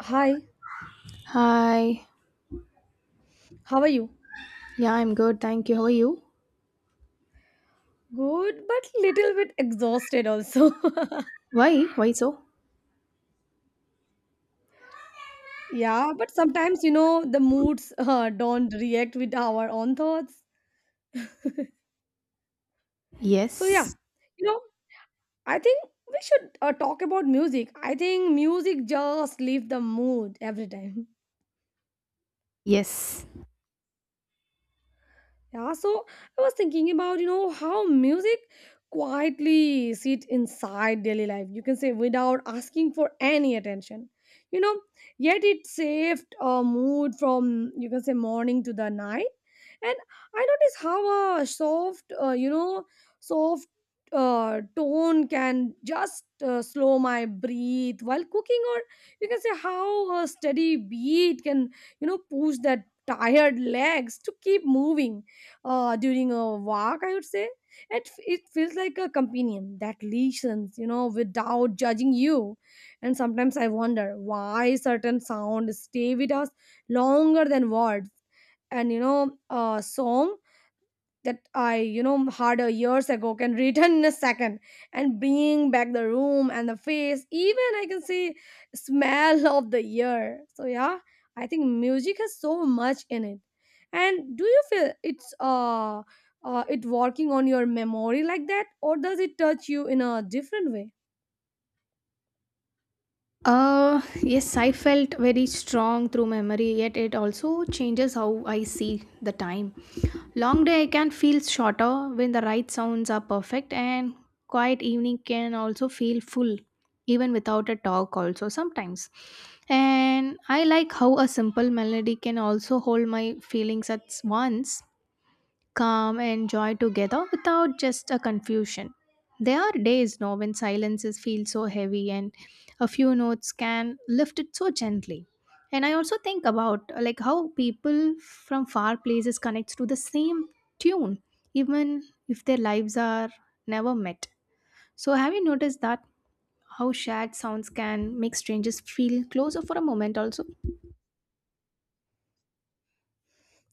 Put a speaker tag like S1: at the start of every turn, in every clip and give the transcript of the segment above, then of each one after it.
S1: Hi,
S2: Hi.
S1: how are you?
S2: Yeah, I'm good. Thank you. How are you?
S1: Good, but little bit exhausted also.
S2: Why? Why so?
S1: Yeah, but sometimes the moods don't react with our own thoughts. So yeah,
S2: Yes.
S1: you know, I think we should talk about music. I think music just lifts the mood every time.
S2: Yes.
S1: Yeah, so I was thinking about, how music quietly sit inside daily life. You can say without asking for any attention. You know, yet it saved a mood from you can say morning to the night. And I noticed how a soft tone can just slow my breathe while cooking, or you can say how a steady beat can, push that tired legs to keep moving during a walk, I would say. It feels like a companion that listens, without judging you. And sometimes I wonder why certain sounds stay with us longer than words. And a song that I had a years ago can return in a second and bring back the room and the face. Even I can see smell of the year. So yeah, I think music has so much in it. And do you feel it working on your memory like that, or does it touch you in a different way?
S2: Uh, yes, I felt very strong through memory, yet it also changes how I see the time. Long day I can feel shorter when the right sounds are perfect, and quiet evening can also feel full, even without a talk, also sometimes. And I like how a simple melody can also hold my feelings at once calm and joy together without just a confusion. There are days no when silences feel so heavy and a few notes can lift it so gently. And I also think about like how people from far places connect to the same tune even if their lives are never met. So have you noticed that how shared sounds can make strangers feel closer for a moment also?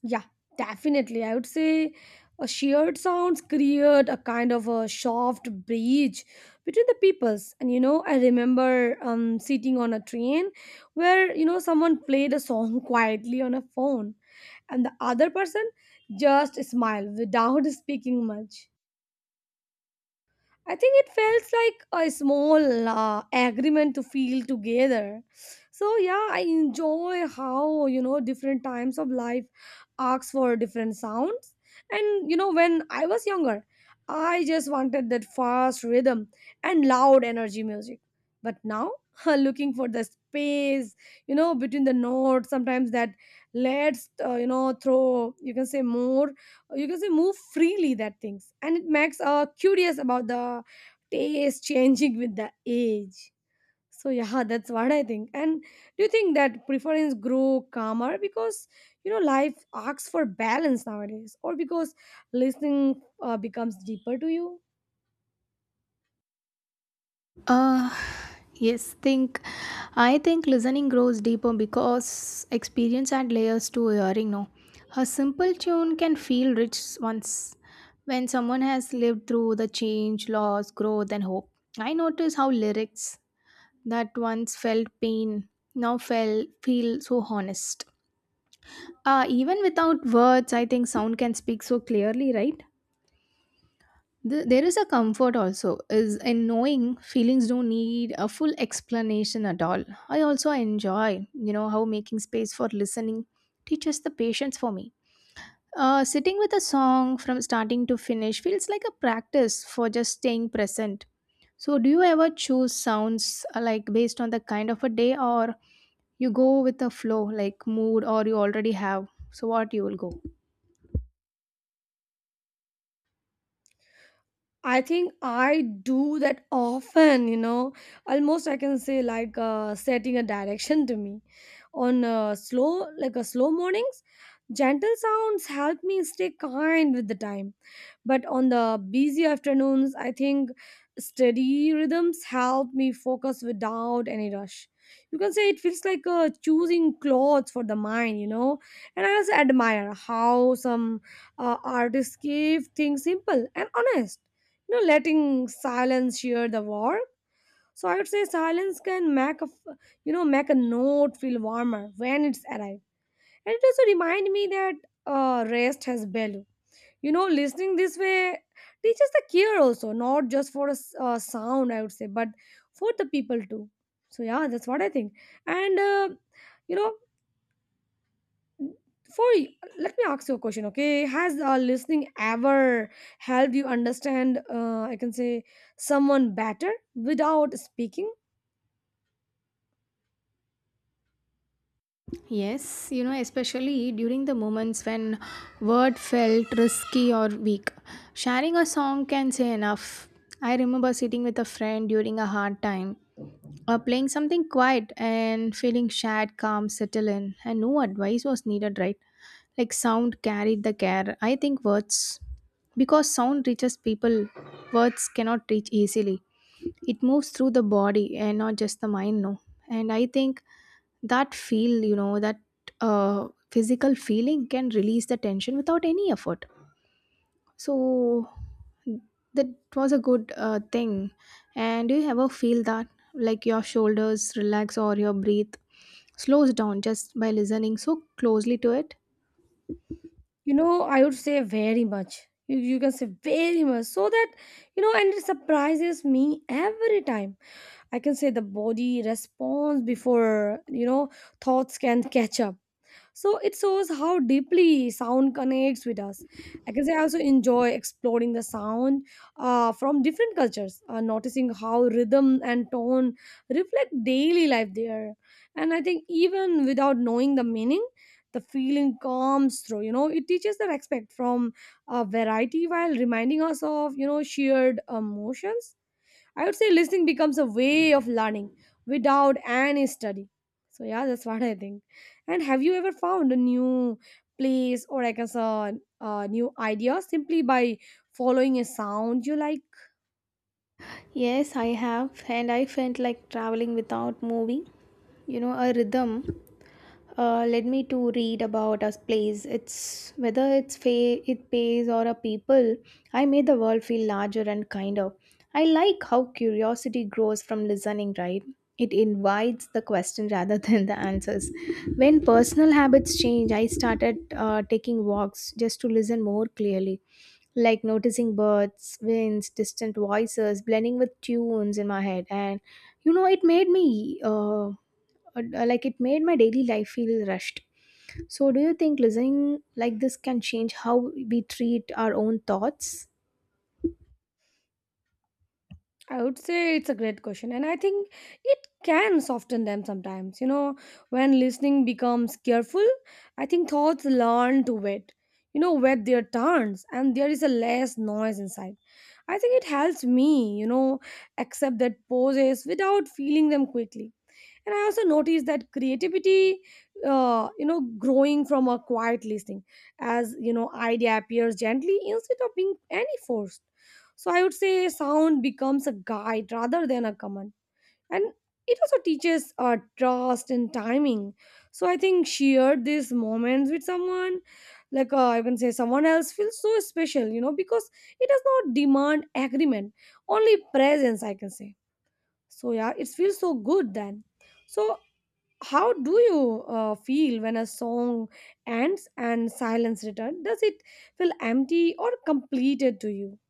S1: Yeah, definitely. I would say a shared sounds create a kind of a soft bridge between the peoples. And I remember sitting on a train where someone played a song quietly on a phone, and the other person just smiled without speaking much. I think it felt like a small agreement to feel together. So yeah, I enjoy how different times of life asks for different sounds. And when I was younger, I just wanted that fast rhythm and loud energy music. But now, looking for the space, between the notes, sometimes that lets throw you can say more you can say move freely that things, and it makes curious about the taste changing with the age. So yeah, that's what I think. And do you think that preference grow calmer because life asks for balance nowadays, or because listening becomes deeper to you?
S2: Uh, yes, think I think listening grows deeper because experience add layers to hearing no. A simple tune can feel rich once when someone has lived through the change, loss, growth and hope. I notice how lyrics that once felt pain now felt feel so honest. Even without words, I think sound can speak so clearly, right? There is a comfort also is in knowing feelings don't need a full explanation at all. I also enjoy, you know, how making space for listening teaches the patience for me. Sitting with a song from starting to finish feels like a practice for just staying present. So do you ever choose sounds, like based on the kind of a day, or you go with the flow like mood, or you already have, so what you will go?
S1: I think I do that often. Almost I can say like setting a direction to me. On a slow mornings, gentle sounds help me stay kind with the time, but on the busy afternoons I think steady rhythms help me focus without any rush. You can say it feels like choosing clothes for the mind. And I also admire how some artists keep things simple and honest, letting silence share the work. So I would say silence can make a, f- you know, make a note feel warmer when it's arrived. And it also remind me that rest has value. Listening this way teaches the care also, not just for sound, I would say, but for the people too. So yeah, that's what I think. And you know, for let me ask you a question. Okay, has listening ever helped you understand? I can say someone better without speaking.
S2: Yes, you know, especially during the moments when word felt risky or weak. Sharing a song can say enough. I remember sitting with a friend during a hard time or playing something quiet and feeling shared calm settle in and no advice was needed, right? Like sound carried the care. I think words because sound reaches people, words cannot reach easily. It moves through the body and not just the mind, no. And I think that feel, you know, that physical feeling can release the tension without any effort. So that was a good thing. And do you ever feel that like your shoulders relax or your breath slows down just by listening so closely to it?
S1: I would say very much. You can say very much. So that and it surprises me every time. I can say the body responds before thoughts can catch up. So it shows how deeply sound connects with us. I can say I also enjoy exploring the sound from different cultures, noticing how rhythm and tone reflect daily life there. And I think even without knowing the meaning, the feeling comes through. It teaches the respect from variety while reminding us of shared emotions. I would say listening becomes a way of learning without any study. So yeah, that's what I think. And have you ever found a new place, or like a new idea simply by following a sound you like?
S2: Yes, I have, and I felt like traveling without moving. You know, a rhythm led me to read about a place. It's whether it's it pays or a people. I made the world feel larger and kinder. I like how curiosity grows from listening, right? It invites the question rather than the answers. When personal habits change, I started taking walks just to listen more clearly, like noticing birds, winds, distant voices blending with tunes in my head. And you know, it made me like it made my daily life feel rushed. So, do you think listening like this can change how we treat our own thoughts?
S1: I would say it's a great question, and I think it can soften them sometimes. When listening becomes careful, I think thoughts learn to wait their turns, and there is a less noise inside. I think it helps me, accept that poses without feeling them quickly. And I also noticed that creativity, growing from a quiet listening, as idea appears gently instead of being any forced. So I would say sound becomes a guide rather than a command, and it also teaches trust and timing. So I think shared these moments with someone, like I can say someone else, feels so special. Because it does not demand agreement, only presence, I can say. So yeah, it feels so good then. So how do you feel when a song ends and silence returns? Does it feel empty or completed to you?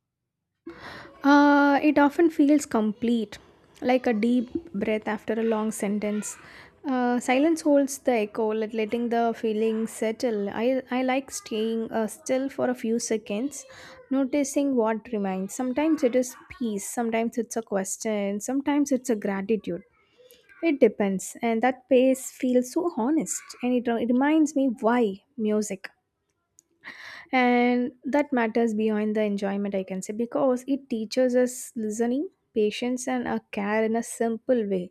S2: It often feels complete, like a deep breath after a long sentence. Silence holds the echo, letting the feeling settle. I like staying still for a few seconds, noticing what remains. Sometimes it is peace, sometimes it's a question, sometimes it's a gratitude. It depends, and that pace feels so honest, and it reminds me why music and that matters beyond the enjoyment, I can say, because it teaches us listening patience and a care in a simple way.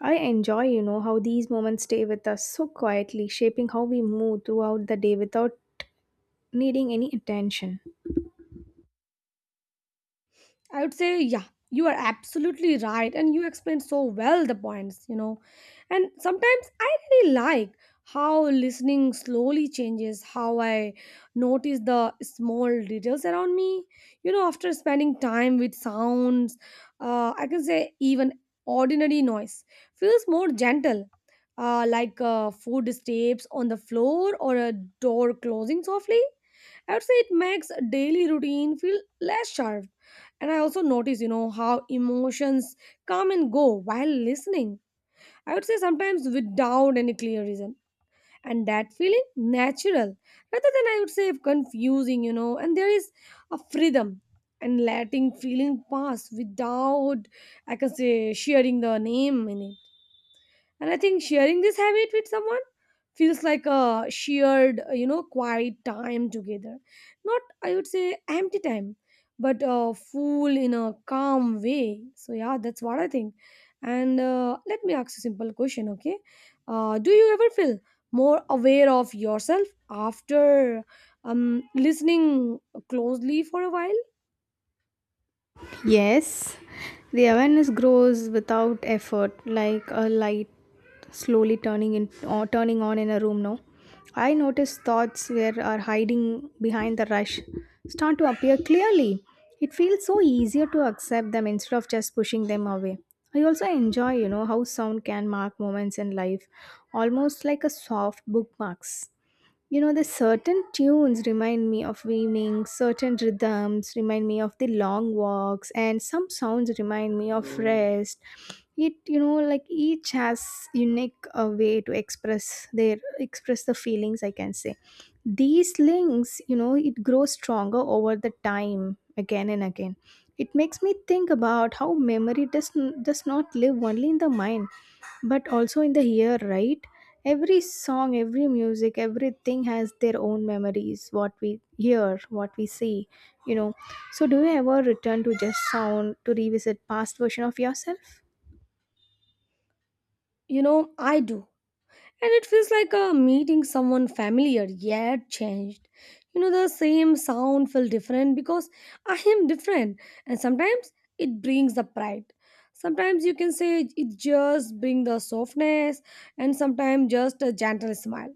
S2: I enjoy, you know, how these moments stay with us so quietly shaping how we move throughout the day without needing any attention.
S1: I would say, yeah, you are absolutely right. And you explained so well the points. And sometimes I really like how listening slowly changes how I notice the small details around me. After spending time with sounds, I can say even ordinary noise feels more gentle. Like food steps on the floor, or a door closing softly. I would say it makes daily routine feel less sharp. And I also notice, how emotions come and go while listening. I would say sometimes without any clear reason. And that feeling natural rather than I would say confusing. And there is a freedom and letting feeling pass without, I can say, sharing the name in it. And I think sharing this habit with someone feels like a shared, quiet time together. Not, I would say, empty time, but full in a calm way. So, yeah, that's what I think. And let me ask you a simple question, okay? Do you ever feel more aware of yourself after listening closely for a while?
S2: Yes, the awareness grows without effort, like a light slowly turning in or turning on in a room. No, I notice thoughts where are hiding behind the rush start to appear clearly. It feels so easier to accept them instead of just pushing them away. I also enjoy, you know, how sound can mark moments in life, almost like a soft bookmarks. You know, the certain tunes remind me of evenings, certain rhythms remind me of the long walks, and some sounds remind me of rest. It, you know, like each has unique way to express their express the feelings, I can say. These links, you know, it grows stronger over the time, again and again. It makes me think about how memory does not live only in the mind but also in the here, right? Every song, every music, everything has their own memories, what we hear, what we see, you know. So do you ever return to just sound to revisit past version of yourself?
S1: I do, and it feels like meeting someone familiar yet changed. The same sound feel different because I am different, and sometimes it brings the pride. Sometimes you can say it just bring the softness, and sometimes just a gentle smile.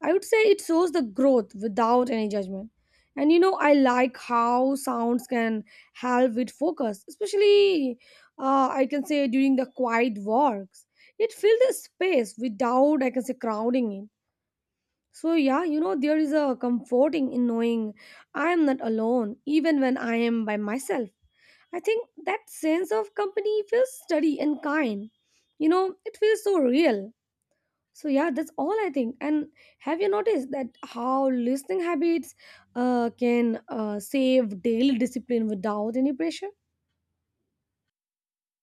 S1: I would say it shows the growth without any judgment. And I like how sounds can help with focus, especially I can say during the quiet walks. It fills the space without, I can say, crowding it. So, yeah, there is a comforting in knowing I am not alone, even when I am by myself. I think that sense of company feels steady and kind. It feels so real. So yeah, that's all I think. And have you noticed that how listening habits can save daily discipline without any pressure?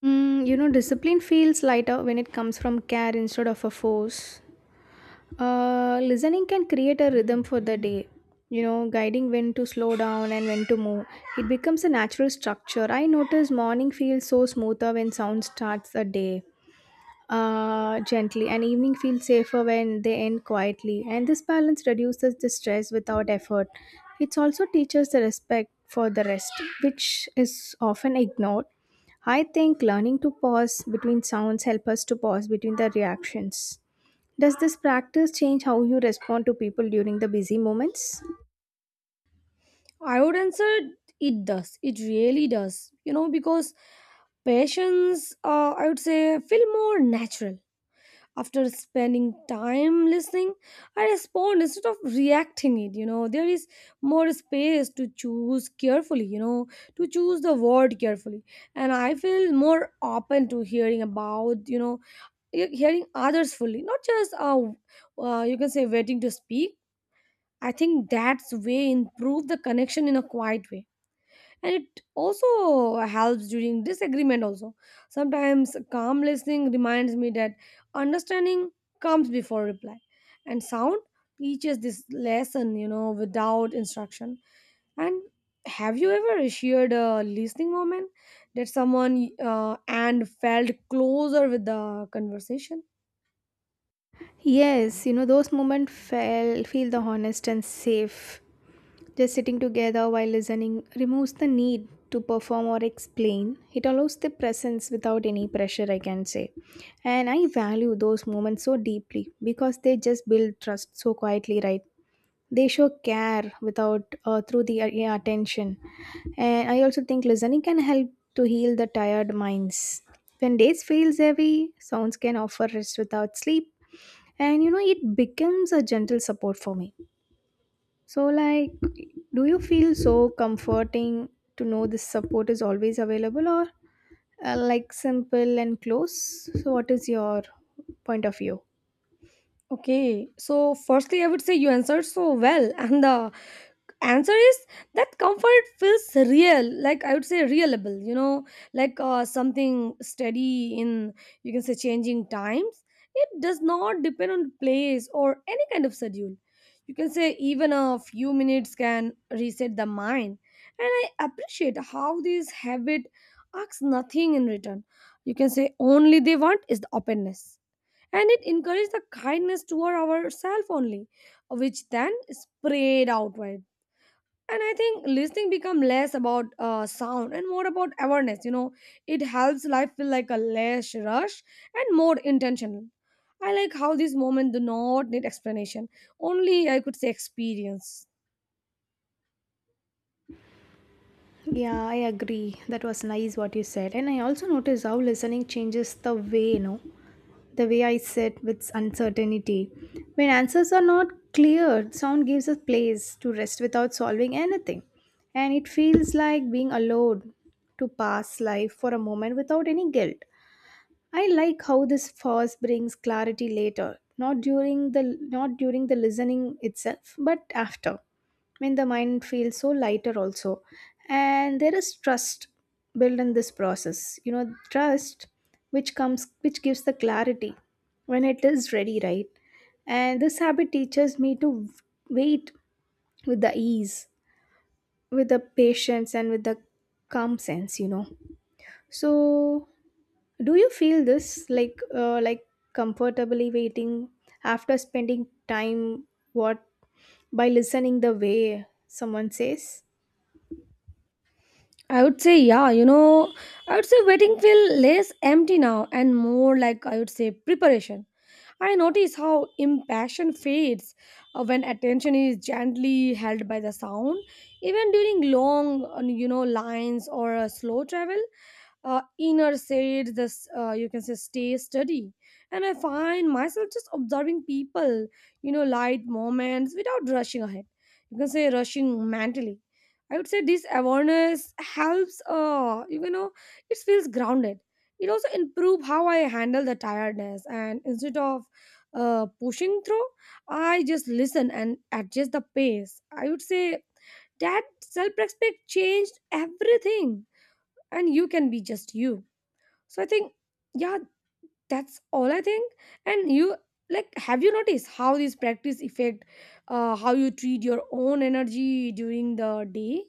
S2: Mm, you know, discipline feels lighter when it comes from care instead of a force. Listening can create a rhythm for the day, you know, guiding when to slow down and when to move. It becomes a natural structure. I notice morning feels so smoother when sound starts a day gently, and evening feels safer when they end quietly. And this balance reduces the stress without effort. It also teaches the respect for the rest, which is often ignored. I think learning to pause between sounds help us to pause between the reactions. Does this practice change how you respond to people during the busy moments?
S1: I would answer, it does. It really does. Because patients, I would say, feel more natural. After spending time listening, I respond instead of reacting it. There is more space to choose carefully, to choose the word carefully. And I feel more open to hearing about you know he- hearing others fully, not just you can say waiting to speak. I think that's way improve the connection in a quiet way. And it also helps during disagreement also. Sometimes calm listening reminds me that understanding comes before reply, and sound teaches this lesson without instruction. And have you ever shared a listening moment that someone, and felt closer with the conversation?
S2: Yes, you know, those moments feel the honest and safe. Just sitting together while listening removes the need to perform or explain. It allows the presence without any pressure, I can say. And I value those moments so deeply because they just build trust so quietly, right? They show care without through the yeah, attention. And I also think listening can help to heal the tired minds. When days feels heavy, sounds can offer rest without sleep, and you know it becomes a gentle support for me. So like, do you feel so comforting to know this support is always available, or like simple and close, so what is your point of view?
S1: Okay, so firstly, I would say you answered so well, and the answer is that comfort feels real, like I would say reliable, like something steady in you can say changing times. It does not depend on place or any kind of schedule. You can say even a few minutes can reset the mind, and I appreciate how this habit asks nothing in return. You can say only they want is the openness, and it encouraged the kindness toward ourselves only, which then spread outward. And I think listening become less about sound and more about awareness, you know. It helps life feel like a less rush and more intentional. I like how this moment do not need explanation, only I could say experience.
S2: Yeah, I agree, that was nice what you said. And I also noticed how listening changes the way, you know, the way I sit with uncertainty. When answers are not clear, sound gives us place to rest without solving anything. And it feels like being allowed to pass life for a moment without any guilt. I like how this pause brings clarity later, not during the listening itself, but after, when the mind feels so lighter also. And there is trust built in this process. You know, trust which gives the clarity when it is ready, right? And this habit teaches me to wait with the ease, with the patience and with the calm sense, you know. So do you feel this like comfortably waiting after spending time what by listening the way someone says?
S1: I would say, yeah, you know, I would say waiting feel less empty now and more like, I would say, preparation. I notice how impassion fades when attention is gently held by the sound, even during long, lines or a slow travel. Inner said this, you can say, stay steady. And I find myself just observing people, you know, light moments without rushing ahead, you can say rushing mentally. I would say this awareness helps, it feels grounded. It also improve how I handle the tiredness, and instead of pushing through, I just listen and adjust the pace. I would say that self-respect changed everything, and you can be just you. So I think, yeah, that's all I think. And you, like have you noticed how these practice affect how you treat your own energy during the day?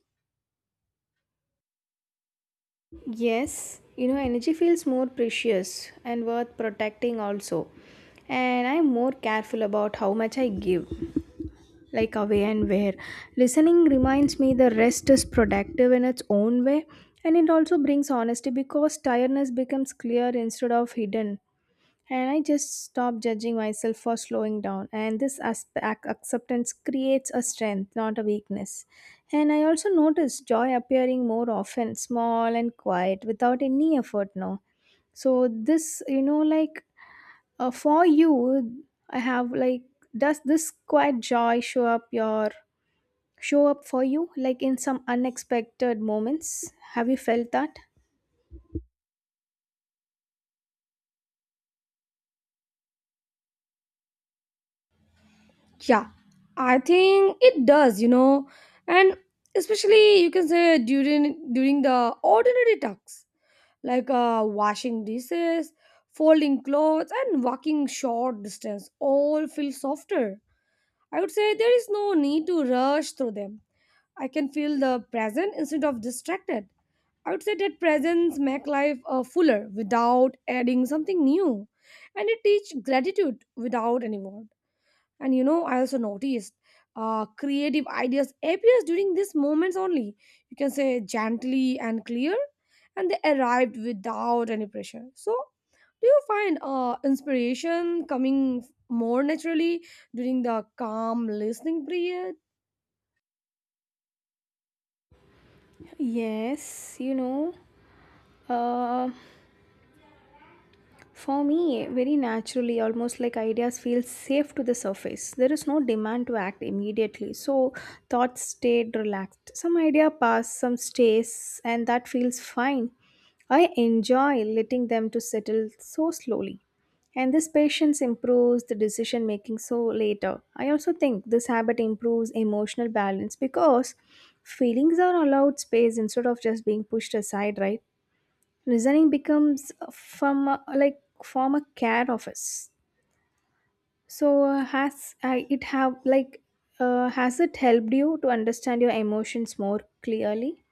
S2: Yes, you know, energy feels more precious and worth protecting also. And I'm more careful about how much I give, like away and where. Listening reminds me the rest is productive in its own way, and it also brings honesty because tiredness becomes clear instead of hidden. And I just stopped judging myself for slowing down. And this aspect acceptance creates a strength, not a weakness. And I also noticed joy appearing more often, small and quiet, without any effort now. So this, you know, like for you, I have like, does this quiet joy show up for you, like in some unexpected moments? Have you felt that?
S1: Yeah, I think it does, you know. And especially, you can say, during the ordinary tasks, like washing dishes, folding clothes, and walking short distance all feel softer. I would say there is no need to rush through them. I can feel the present instead of distracted. I would say that presence make life, fuller without adding something new, and it teach gratitude without any word. And you know, I also noticed creative ideas appears during these moments only. You can say gently and clear, and they arrived without any pressure. So, do you find inspiration coming more naturally during the calm listening period?
S2: Yes, you know. Uh, For me, very naturally, almost like ideas feel safe to the surface. There is no demand to act immediately, so thoughts stayed relaxed. Some idea pass, some stays, and that feels fine. I enjoy letting them to settle so slowly. And this patience improves the decision making so later. I also think this habit improves emotional balance because feelings are allowed space instead of just being pushed aside, right? Listening becomes from like from a care office. So has it have like, has it helped you to understand your emotions more clearly?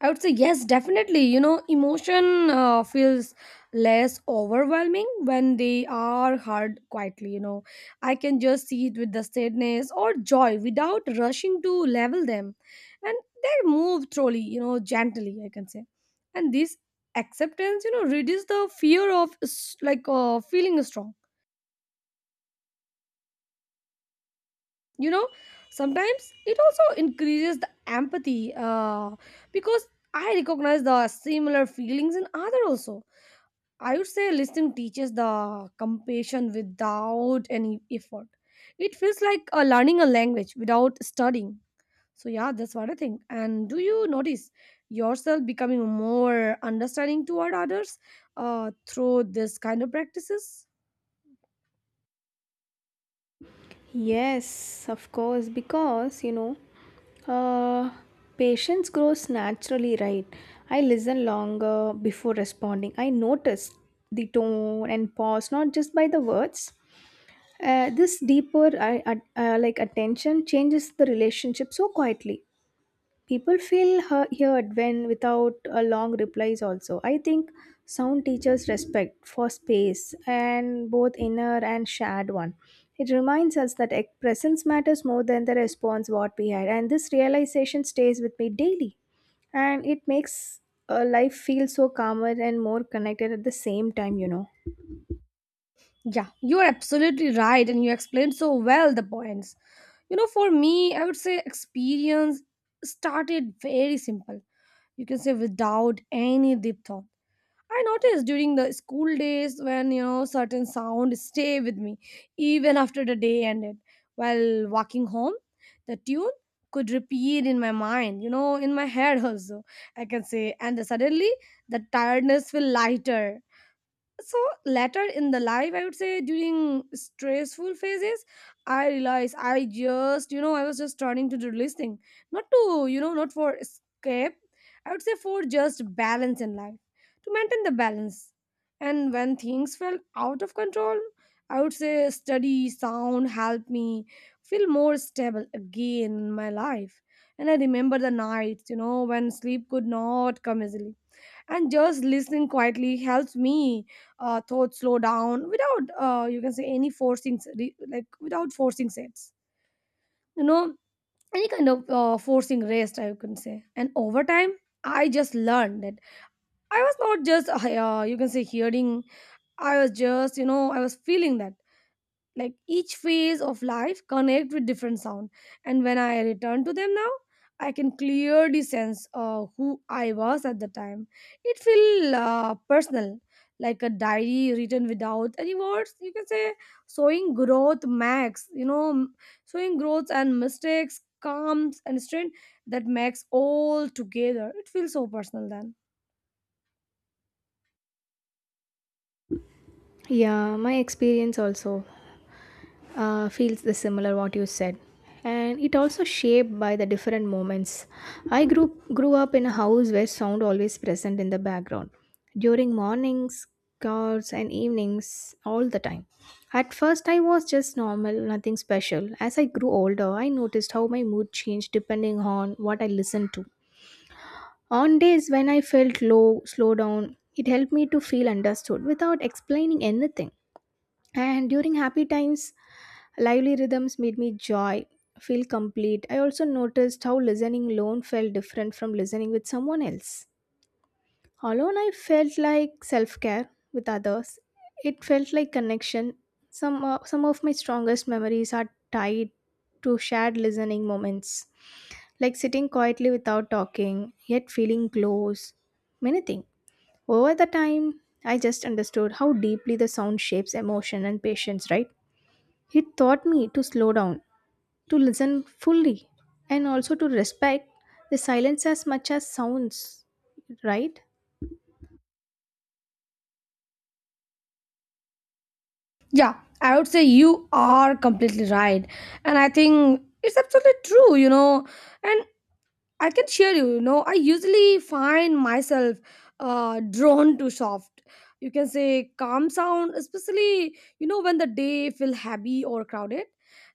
S1: I would say yes, definitely. You know, emotion feels less overwhelming when they are heard quietly. You know, I can just see it with the sadness or joy without rushing to level them, and they move slowly. You know, gently, I can say, and this acceptance, you know, reduces the fear of feeling strong. You know, sometimes it also increases the empathy, because I recognize the similar feelings in other also. I would say listening teaches the compassion without any effort. It feels like learning a language without studying. So, yeah, that's what I think. And do you notice yourself becoming more understanding toward others through this kind of practices?
S2: Yes, of course, because you know, uh, patience grows naturally, right? I listen longer before responding. I notice the tone and pause, not just by the words. This deeper like attention changes the relationship so quietly. People feel heard when without a long replies also, I think. Sound teaches respect for space, and both inner and shared one. It reminds us that presence matters more than the response what we had, and this realization stays with me daily. And it makes life feel so calmer and more connected at the same time, you know.
S1: Yeah, you are absolutely right, and you explained so well the points. You know, for me, I would say experience started very simple. You can say without any deep thought, I noticed during the school days when, you know, certain sounds stay with me even after the day ended. While walking home, the tune could repeat in my mind, you know, in my head also. I can say, and suddenly the tiredness feel lighter. So later in the life, I would say during stressful phases, I realized I was just turning to the listening, not to, you know, not for escape. I would say for just balance in life, to maintain the balance. And when things felt out of control, I would say study sound helped me feel more stable again in my life. And I remember the nights, you know, when sleep could not come easily, and just listening quietly helps me, thoughts slow down without you can say any forcing, without forcing sets, you know, any kind of forcing rest, I can say. And over time, I just learned that I was not just you can say hearing, I was just, you know, I was feeling that, like each phase of life connect with different sound. And when I return to them now, I can clearly sense who I was at the time. It feel personal, like a diary written without any words, you can say, showing growth max you know m- showing growth and mistakes, calms and strength. That makes all together it feels so personal then.
S2: Yeah, my experience also feels the similar what you said, and it also shaped by the different moments. I grew up in a house where sound always present in the background, during mornings, cars and evenings all the time. At first I was just normal, nothing special. As I grew older I noticed how my mood changed depending on what I listened to. On days when I felt low, slow down, it helped me to feel understood without explaining anything. And during happy times lively rhythms made me joy, feel complete. I also noticed how listening alone felt different from listening with someone else. Alone, I felt like self care. With others, it felt like connection. Some of my strongest memories are tied to shared listening moments, like sitting quietly without talking, yet feeling close. Many things. Over the time, I just understood how deeply the sound shapes emotion and patience, right? It taught me to slow down, to listen fully, and also to respect the silence as much as sounds, right?
S1: Yeah, I would say you are completely right, and I think it's absolutely true, you know. And I can share you, you know, I usually find myself drawn to soft, you can say, calm sound, especially, you know, when the day feel heavy or crowded.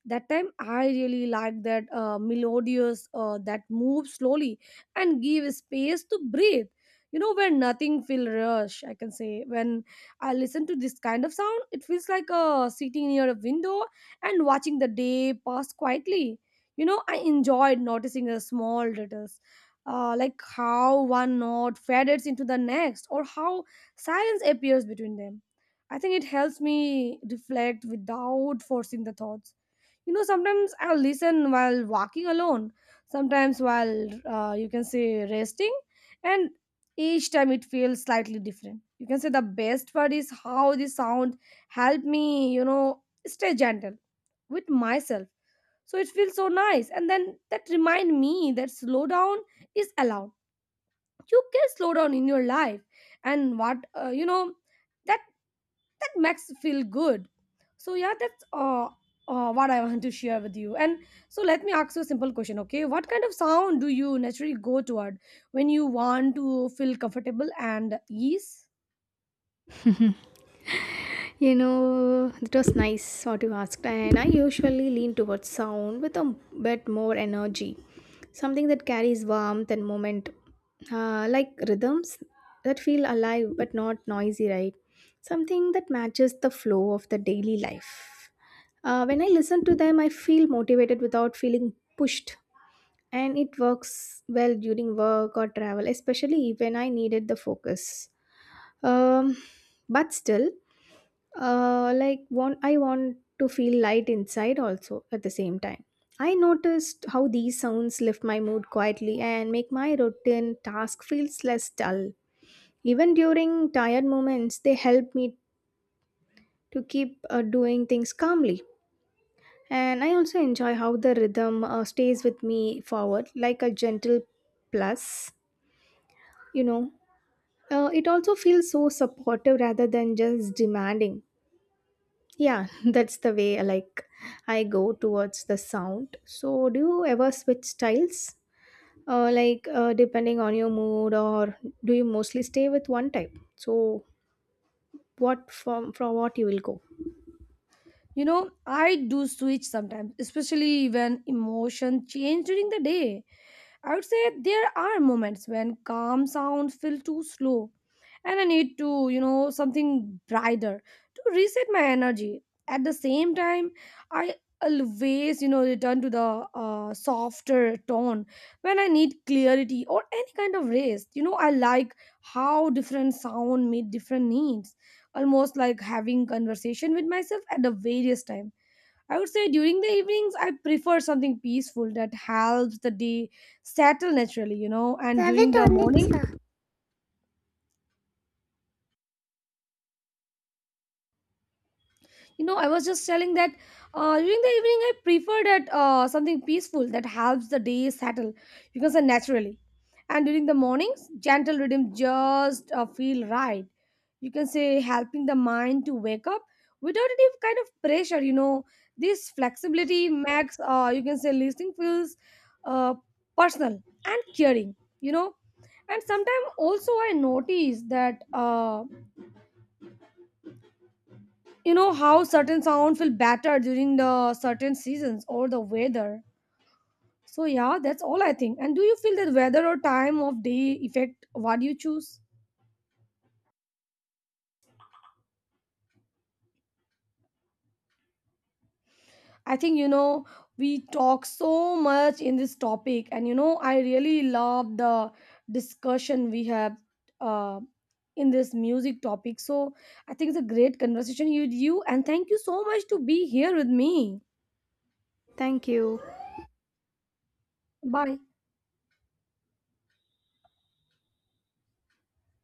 S1: That time I really like that melodious, that moves slowly and give space to breathe. You know, when nothing feel rush, I can say, when I listen to this kind of sound, it feels like sitting near a window and watching the day pass quietly. You know, I enjoyed noticing the small details, like how one note fades into the next or how silence appears between them. I think it helps me reflect without forcing the thoughts. You know, sometimes I'll listen while walking alone, sometimes while you can say resting, and each time it feels slightly different. You can say the best part is how the sound help me, you know, stay gentle with myself. So it feels so nice, and then that remind me that slow down is allowed, you can slow down in your life. And what, that makes feel good. So, yeah, that's what I want to share with you. And so let me ask you a simple question, okay, what kind of sound do you naturally go toward when you want to feel comfortable and ease?
S2: You know, it was nice what you asked. And I usually lean towards sound with a bit more energy, something that carries warmth and moment, like rhythms that feel alive but not noisy, right? Something that matches the flow of the daily life. When I listen to them I feel motivated without feeling pushed, and it works well during work or travel, especially when I needed the focus. Um, but still, like want I want to feel light inside also at the same time. I noticed how these sounds lift my mood quietly and make my routine task feels less dull. Even during tired moments, they help me to keep doing things calmly. And I also enjoy how the rhythm stays with me forward, like a gentle plus, you know. It also feels so supportive rather than just demanding. Yeah, that's the way like I go towards the sound. So, do you ever switch styles, like depending on your mood, or do you mostly stay with one type? So, what from what you will go?
S1: You know, I do switch sometimes, especially when emotion change during the day. I would say there are moments when calm sounds feel too slow, and I need to, you know, something brighter to reset my energy. At the same time, I always, you know, return to the softer tone when I need clarity or any kind of rest. You know, I like how different sound meet different needs, almost like having conversation with myself at the various time. I would say during the evenings, I prefer something peaceful that helps the day settle naturally, you know. And
S2: Love
S1: during
S2: it
S1: the
S2: on its
S1: morning,
S2: own.
S1: you know, I was just telling that during the evening I prefer that, something peaceful that helps the day settle, you can say, naturally. And during the mornings gentle rhythm just feel right, you can say, helping the mind to wake up without any kind of pressure, you know. This flexibility makes, you can say, listening feels uh, personal and caring, you know. And sometimes also I notice that, how certain sound feel better during the certain seasons or the weather. So, yeah, that's all I think. And do you feel that weather or time of day affect what you choose? I think, you know, we talk so much in this topic, and you know I really love the discussion we have uh, in this music topic. So I think it's a great conversation with you, and thank you so much to be here with me.
S2: Thank you.
S1: Bye.